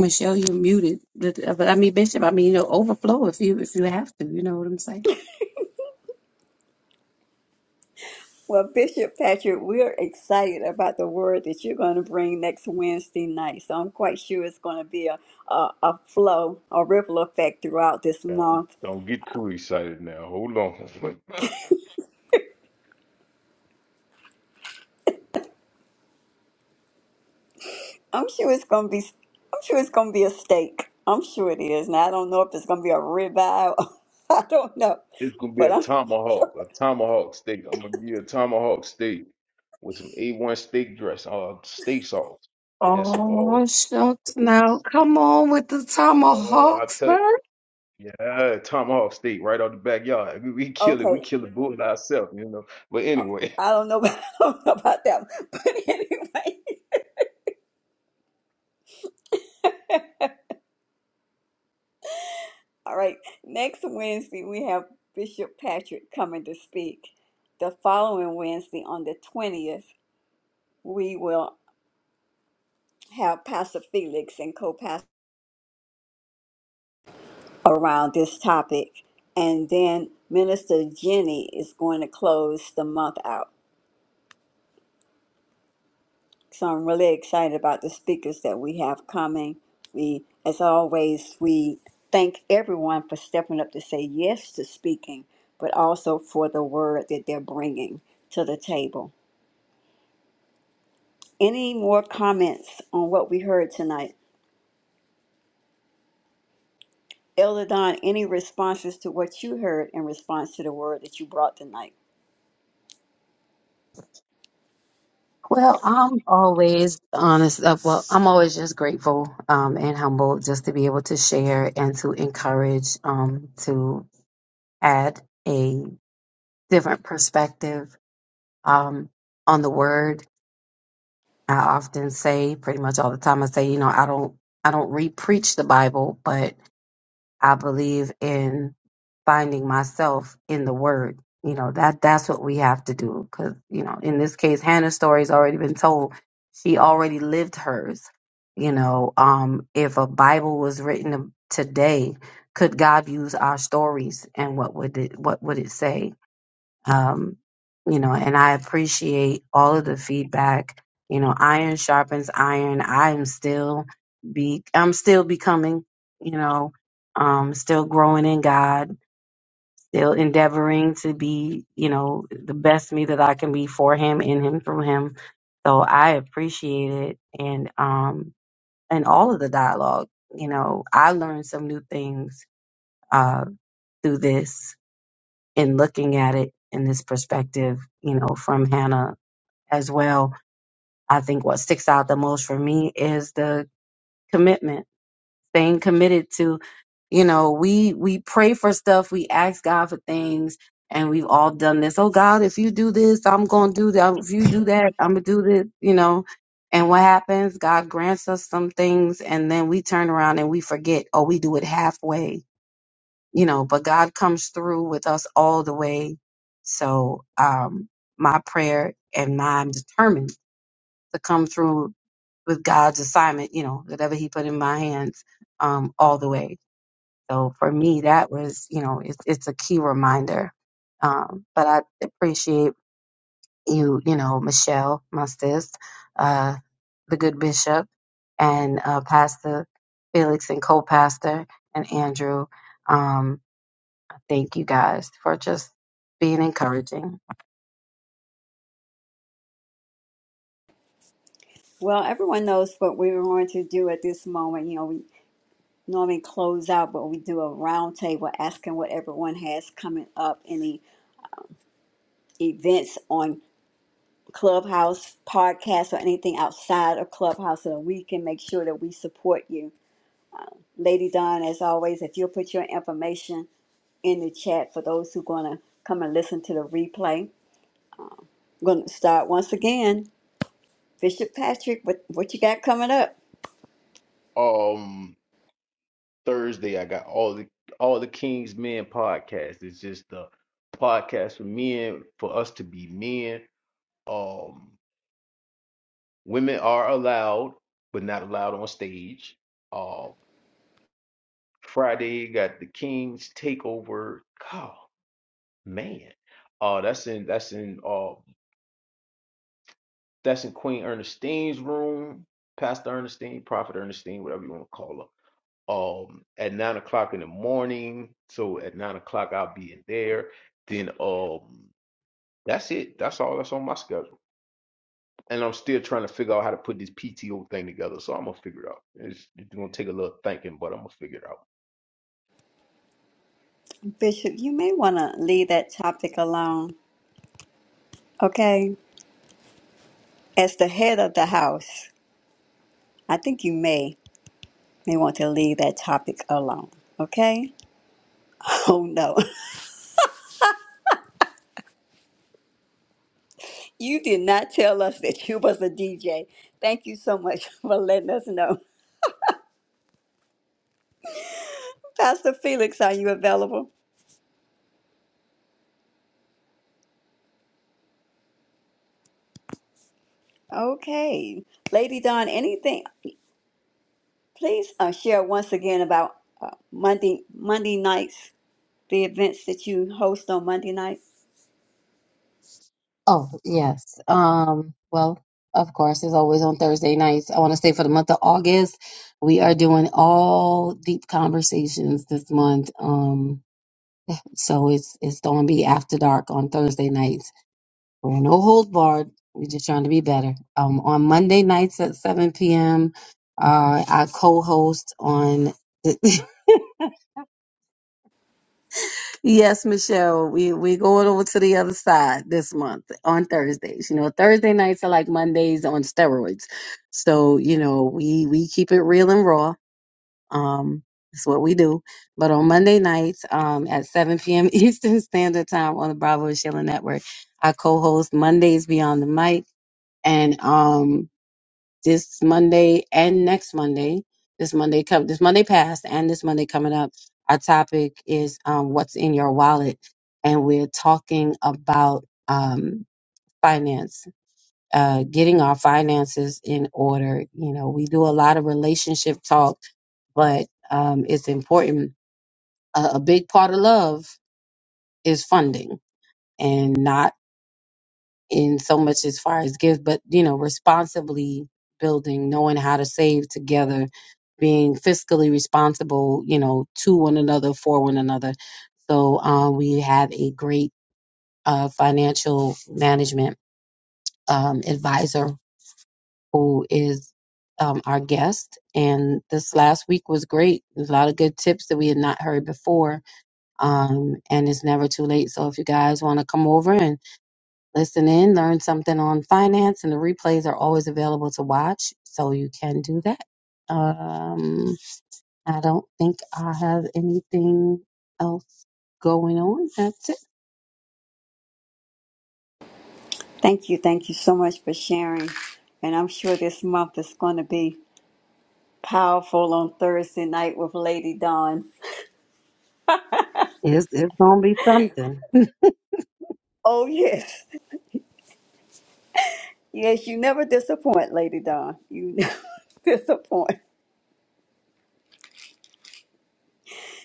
Speaker 4: Michelle, you're muted. But, uh, but I mean, Bishop, I mean, you know, overflow if you if you have to. You know what I'm saying?
Speaker 1: Well, Bishop Patrick, we're excited about the word that you're going to bring next Wednesday night. So I'm quite sure it's going to be a, a, a flow, a ripple effect throughout this
Speaker 2: Don't
Speaker 1: month
Speaker 2: don't get too excited now. Hold on.
Speaker 1: I'm sure it's gonna be. I'm sure it's gonna be a steak. I'm sure it is. Now I don't know if it's gonna be a ribeye. Or, I don't know,
Speaker 2: it's gonna be
Speaker 1: but
Speaker 2: a
Speaker 1: I'm sure.
Speaker 2: tomahawk, a tomahawk steak. I'm gonna give you a tomahawk steak with some A1 steak dress, uh, steak sauce, and some
Speaker 4: Oh,
Speaker 2: oh,
Speaker 4: shucks! Now, come on with the
Speaker 2: oh, I
Speaker 4: tomahawk,
Speaker 2: tell you,
Speaker 4: sir.
Speaker 2: yeah, tomahawk steak right out the backyard. We, we kill it. We
Speaker 1: Okay,
Speaker 2: kill the bull ourselves, you know. But anyway,
Speaker 1: I don't know. I don't know about that. But anyway, all right. Next Wednesday we have Bishop Patrick coming to speak. The following Wednesday on the twentieth, we will have Pastor Felix and co-pastor. around this topic. And then Minister Jenny is going to close the month out. So I'm really excited about the speakers that we have coming. We, as always, we thank everyone for stepping up to say yes to speaking, but also for the word that they're bringing to the table. Any more comments on what we heard tonight? Elder Don, any responses to what you heard in response to the word that you brought tonight?
Speaker 4: Well, I'm always honest. Uh, well, I'm always just grateful um, and humble just to be able to share and to encourage, um, to add a different perspective um, on the word. I often say, pretty much all the time, I say, you know, I don't, I don't re-preach the Bible, but I believe in finding myself in the word. You know, that that's what we have to do. Cause, you know, in this case, Hannah's story's already been told. She already lived hers. You know, um, if a Bible was written today, could God use our stories and what would it what would it say? um, you know, and I appreciate all of the feedback. You know, iron sharpens iron. I am still be I'm still becoming, you know, um, still growing in God, still endeavoring to be, you know, the best me that I can be for him, in him, through him. So I appreciate it and um and all of the dialogue. You know, I learned some new things uh through this in looking at it in this perspective, you know, from Hannah as well. I think what sticks out the most for me is the commitment, staying committed to, you know, we we pray for stuff, we ask God for things, and we've all done this. Oh God, if you do this, I'm gonna do that. If you do that, I'm gonna do this, you know. And what happens? God grants us some things, and then we turn around and we forget, or we do it halfway you know, but God comes through with us all the way. So, um, my prayer and my, I'm determined to come through with God's assignment, you know, whatever he put in my hands, um, all the way. So for me, that was, you know, it's, it's a key reminder. Um, but I appreciate you, you know, Michelle, my sis, uh, the good bishop and, uh, pastor Felix and co-pastor and Andrew. Um, Thank you guys for just being encouraging.
Speaker 1: Well, everyone knows what we were going to do at this moment. You know, we normally close out, but we do a roundtable asking what everyone has coming up, any events on Clubhouse, podcasts, or anything outside of Clubhouse so that we can make sure that we support you. Lady Don, as always, if you'll put your information in the chat for those who are going to come and listen to the replay. I'm going to start once again. Bishop Patrick, what, what you got coming up?
Speaker 2: um, Thursday I got all the all the King's Men podcast. It's just a podcast for men, for us to be men. um. Women are allowed, but not allowed on stage. Uh, Friday got the King's Takeover. God, man, uh, that's in that's in uh that's in Queen Ernestine's room. Pastor Ernestine, Prophet Ernestine, whatever you want to call her. Um, at nine o'clock in the morning. So at nine o'clock I'll be in there. Then um, that's it. That's all that's on my schedule. and I'm still trying to figure out how to put this PTO thing together. So I'm gonna figure it out. It's, it's gonna take a little thinking, but I'm gonna figure it out.
Speaker 1: Bishop, you may want to leave that topic alone. Okay. As the head of the house, I think you may may want to leave that topic alone. Okay? Oh no. You did not tell us that you was a DJ. Thank you so much for letting us know. Pastor Felix, are you available? Okay. Lady Dawn, anything? Please uh, share once again about uh, Monday Monday nights, the events that you host on Monday nights.
Speaker 4: Oh, yes. Um, well, of course, as always on Thursday nights, I want to say for the month of August, we are doing all deep conversations this month. Um, so it's it's going to be after dark on Thursday nights. We're no hold barred. We're just trying to be better. Um, on Monday nights at 7 p.m., uh, I co-host on. yes, Michelle, we we going over to the other side this month on Thursdays. You know, Thursday nights are like Mondays on steroids. So you know, we we keep it real and raw. Um, it's what we do. But on Monday nights um, at 7 p.m. Eastern Standard Time on the Bravo and Sheila Network, I co-host Mondays Beyond the Mic and um this Monday and next Monday. This Monday come this Monday past and this Monday coming up. Our topic is um, what's in your wallet, and we're talking about um, finance, uh, getting our finances in order. You know, we do a lot of relationship talk, but um, it's important. A, a big part of love is funding, and not in so much as far as gifts, but you know, responsibly building, knowing how to save together, being fiscally responsible, you know, to one another, for one another. So uh, we have a great uh, financial management um, advisor who is um, our guest. And this last week was great. There's a lot of good tips that we had not heard before. Um, and it's never too late. So if you guys want to come over and listen in, learn something on finance, and the replays are always available to watch, so you can do that. Um, I don't think I have anything else going on. That's it.
Speaker 1: Thank you. Thank you so much for sharing. And I'm sure this month is going to be Powerful on Thursday night with Lady Dawn.
Speaker 4: It's, it's going to be something.
Speaker 1: Oh, yes. Yes, you never disappoint, Lady Dawn. You never disappoint.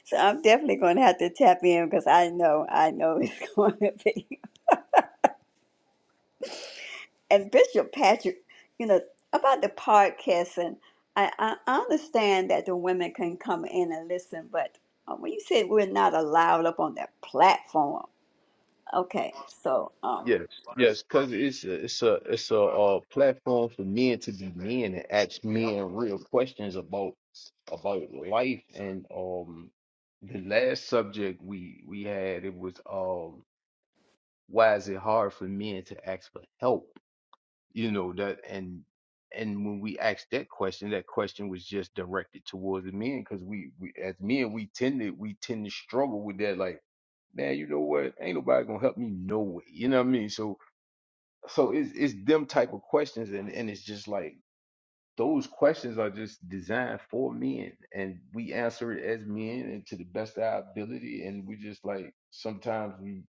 Speaker 1: So I'm definitely going to have to tap in because I know, I know it's going to be. And Bishop Patrick, you know, about the podcast, and I, I I understand that the women can come in and listen, but uh, when you said we're not allowed up on that platform, okay, so. um,
Speaker 2: Yes, yes, because it's a, it's a it's a uh, platform for men to be men and ask men real questions about about life. And um, the last subject we we had it was um, why is it hard for men to ask for help? you know that and and when we asked that question that question was just directed towards the men because we, we as men we tend to we tend to struggle with that like man you know what ain't nobody gonna help me no way you know what i mean so so it's it's them type of questions and and it's just like those questions are just designed for men and we answer it as men and to the best of our ability and we just like sometimes we.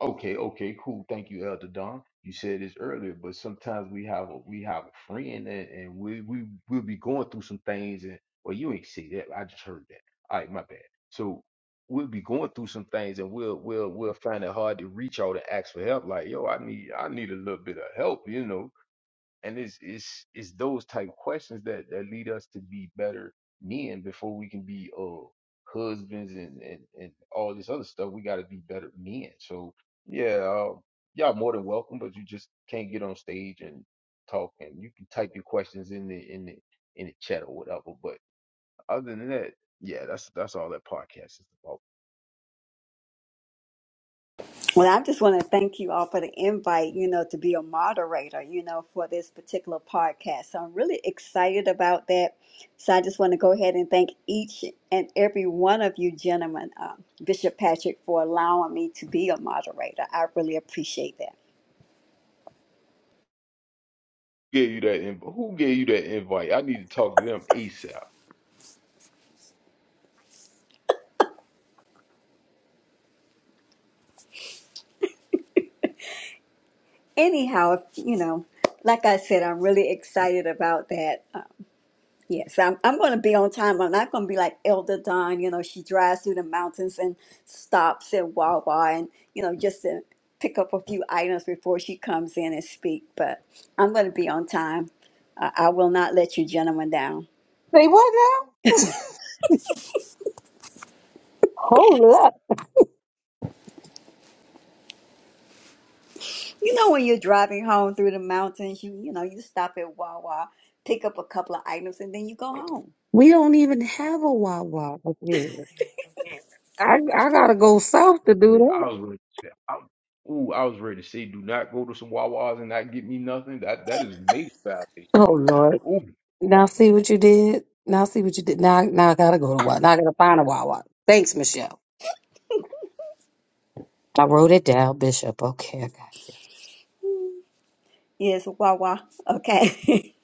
Speaker 2: Okay, okay, cool. Thank you, Elder Don. You said this earlier, but sometimes we have a we have a friend and, and we we we'll be going through some things and well you ain't see that. I just heard that. All right, my bad. So we'll be going through some things and we'll we'll we'll find it hard to reach out and ask for help. Like, yo, I need I need a little bit of help, you know. And it's it's it's those type of questions that that lead us to be better men before we can be uh husbands and and, and all this other stuff. We got to be better men. So yeah, uh, y'all more than welcome, but you just can't get on stage and talk. And you can type your questions in the in the in the chat or whatever. But other than that, yeah, that's that's all that podcast is about.
Speaker 1: Well, I just want to thank you all for the invite, you know, to be a moderator, you know, for this particular podcast. So I'm really excited about that. So I just want to go ahead and thank each and every one of you gentlemen, um, Bishop Patrick, for allowing me to be a moderator. I really appreciate that.
Speaker 2: Who Gave you that invite? Who gave you that invite? I need to talk to them ASAP.
Speaker 1: Anyhow, you know, like I said, I'm really excited about that. uh, Yes, I'm, I'm going to be on time. I'm not going to be like Elder Don. You know, she drives through the mountains and stops at Wawa and, you know, just to pick up a few items before she comes in and speak. But I'm going to be on time. I, I will not let you gentlemen down.
Speaker 4: Say what now? Hold up.
Speaker 1: You know, when you're driving home through the mountains, you, you know, you stop at Wawa, pick up a couple of items, and then you go home.
Speaker 4: We don't even have a Wawa up here. I I gotta go south to
Speaker 2: Really,
Speaker 4: do
Speaker 2: really, I
Speaker 4: that.
Speaker 2: was ready to say, I, ooh, I was ready to say, do not go to some Wawa's and not get me nothing. That that is major violation.
Speaker 4: Oh Lord. Now see what you did. Now see what you did. Now now I gotta go to Wawa. Now I gotta find a Wawa. Thanks, Michelle. I wrote it down, Bishop. Okay, I got you.
Speaker 1: Yes, Wawa. Okay.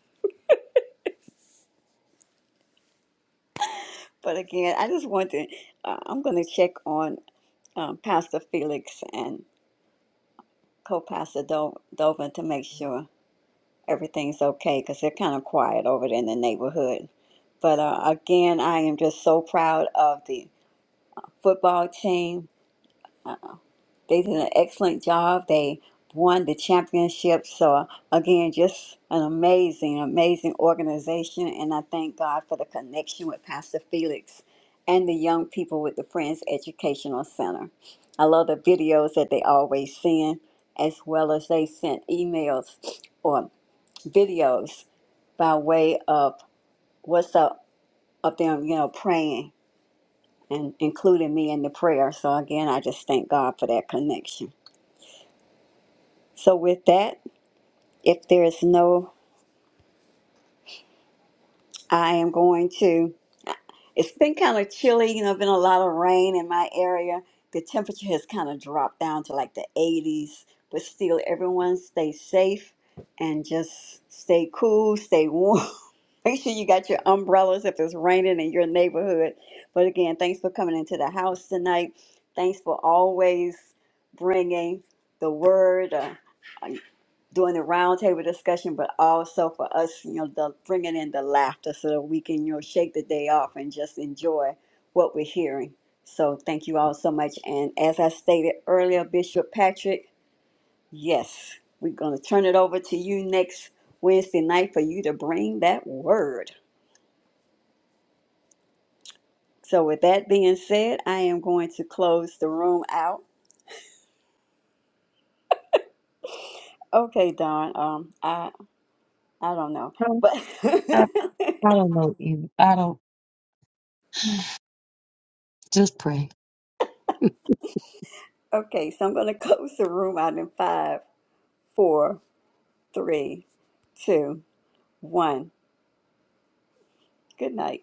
Speaker 1: but again, I just want to, uh, I'm going to check on um, Pastor Felix, and co-pastor Do- Dovin to make sure everything's okay because they're kind of quiet over there in the neighborhood. But uh, again, I am just so proud of the football team. Uh, they did an excellent job. They won the championship. So, again, just an amazing, amazing organization. And I thank God for the connection with Pastor Felix and the young people with the Friends Educational Center. I love the videos that they always send, as well as they sent emails or videos by way of what's up of them, you know, praying and including me in the prayer. So again, I just thank God for that connection. So with that, if there is no, I am going to. It's been kind of chilly. You know, been a lot of rain in my area. The temperature has kind of dropped down to like the 80s, but still, everyone stay safe and just stay cool, stay warm. Make sure you got your umbrellas if it's raining in your neighborhood. But again, thanks for coming into the house tonight. Thanks for always bringing the word. Uh, doing the roundtable discussion, but also for us, you know, the, bringing in the laughter so that we can, you know, shake the day off and just enjoy what we're hearing. So thank you all so much. And as I stated earlier, Bishop Patrick, yes, we're going to turn it over to you next Wednesday night for you to bring that word. So with that being said, I am going to close the room out. Okay, Don. Um, I I don't know,
Speaker 4: No,
Speaker 1: but
Speaker 4: I, I don't know either. I don't just pray.
Speaker 1: okay. So I'm going to close the room out in five. four, three, two, one. Good night.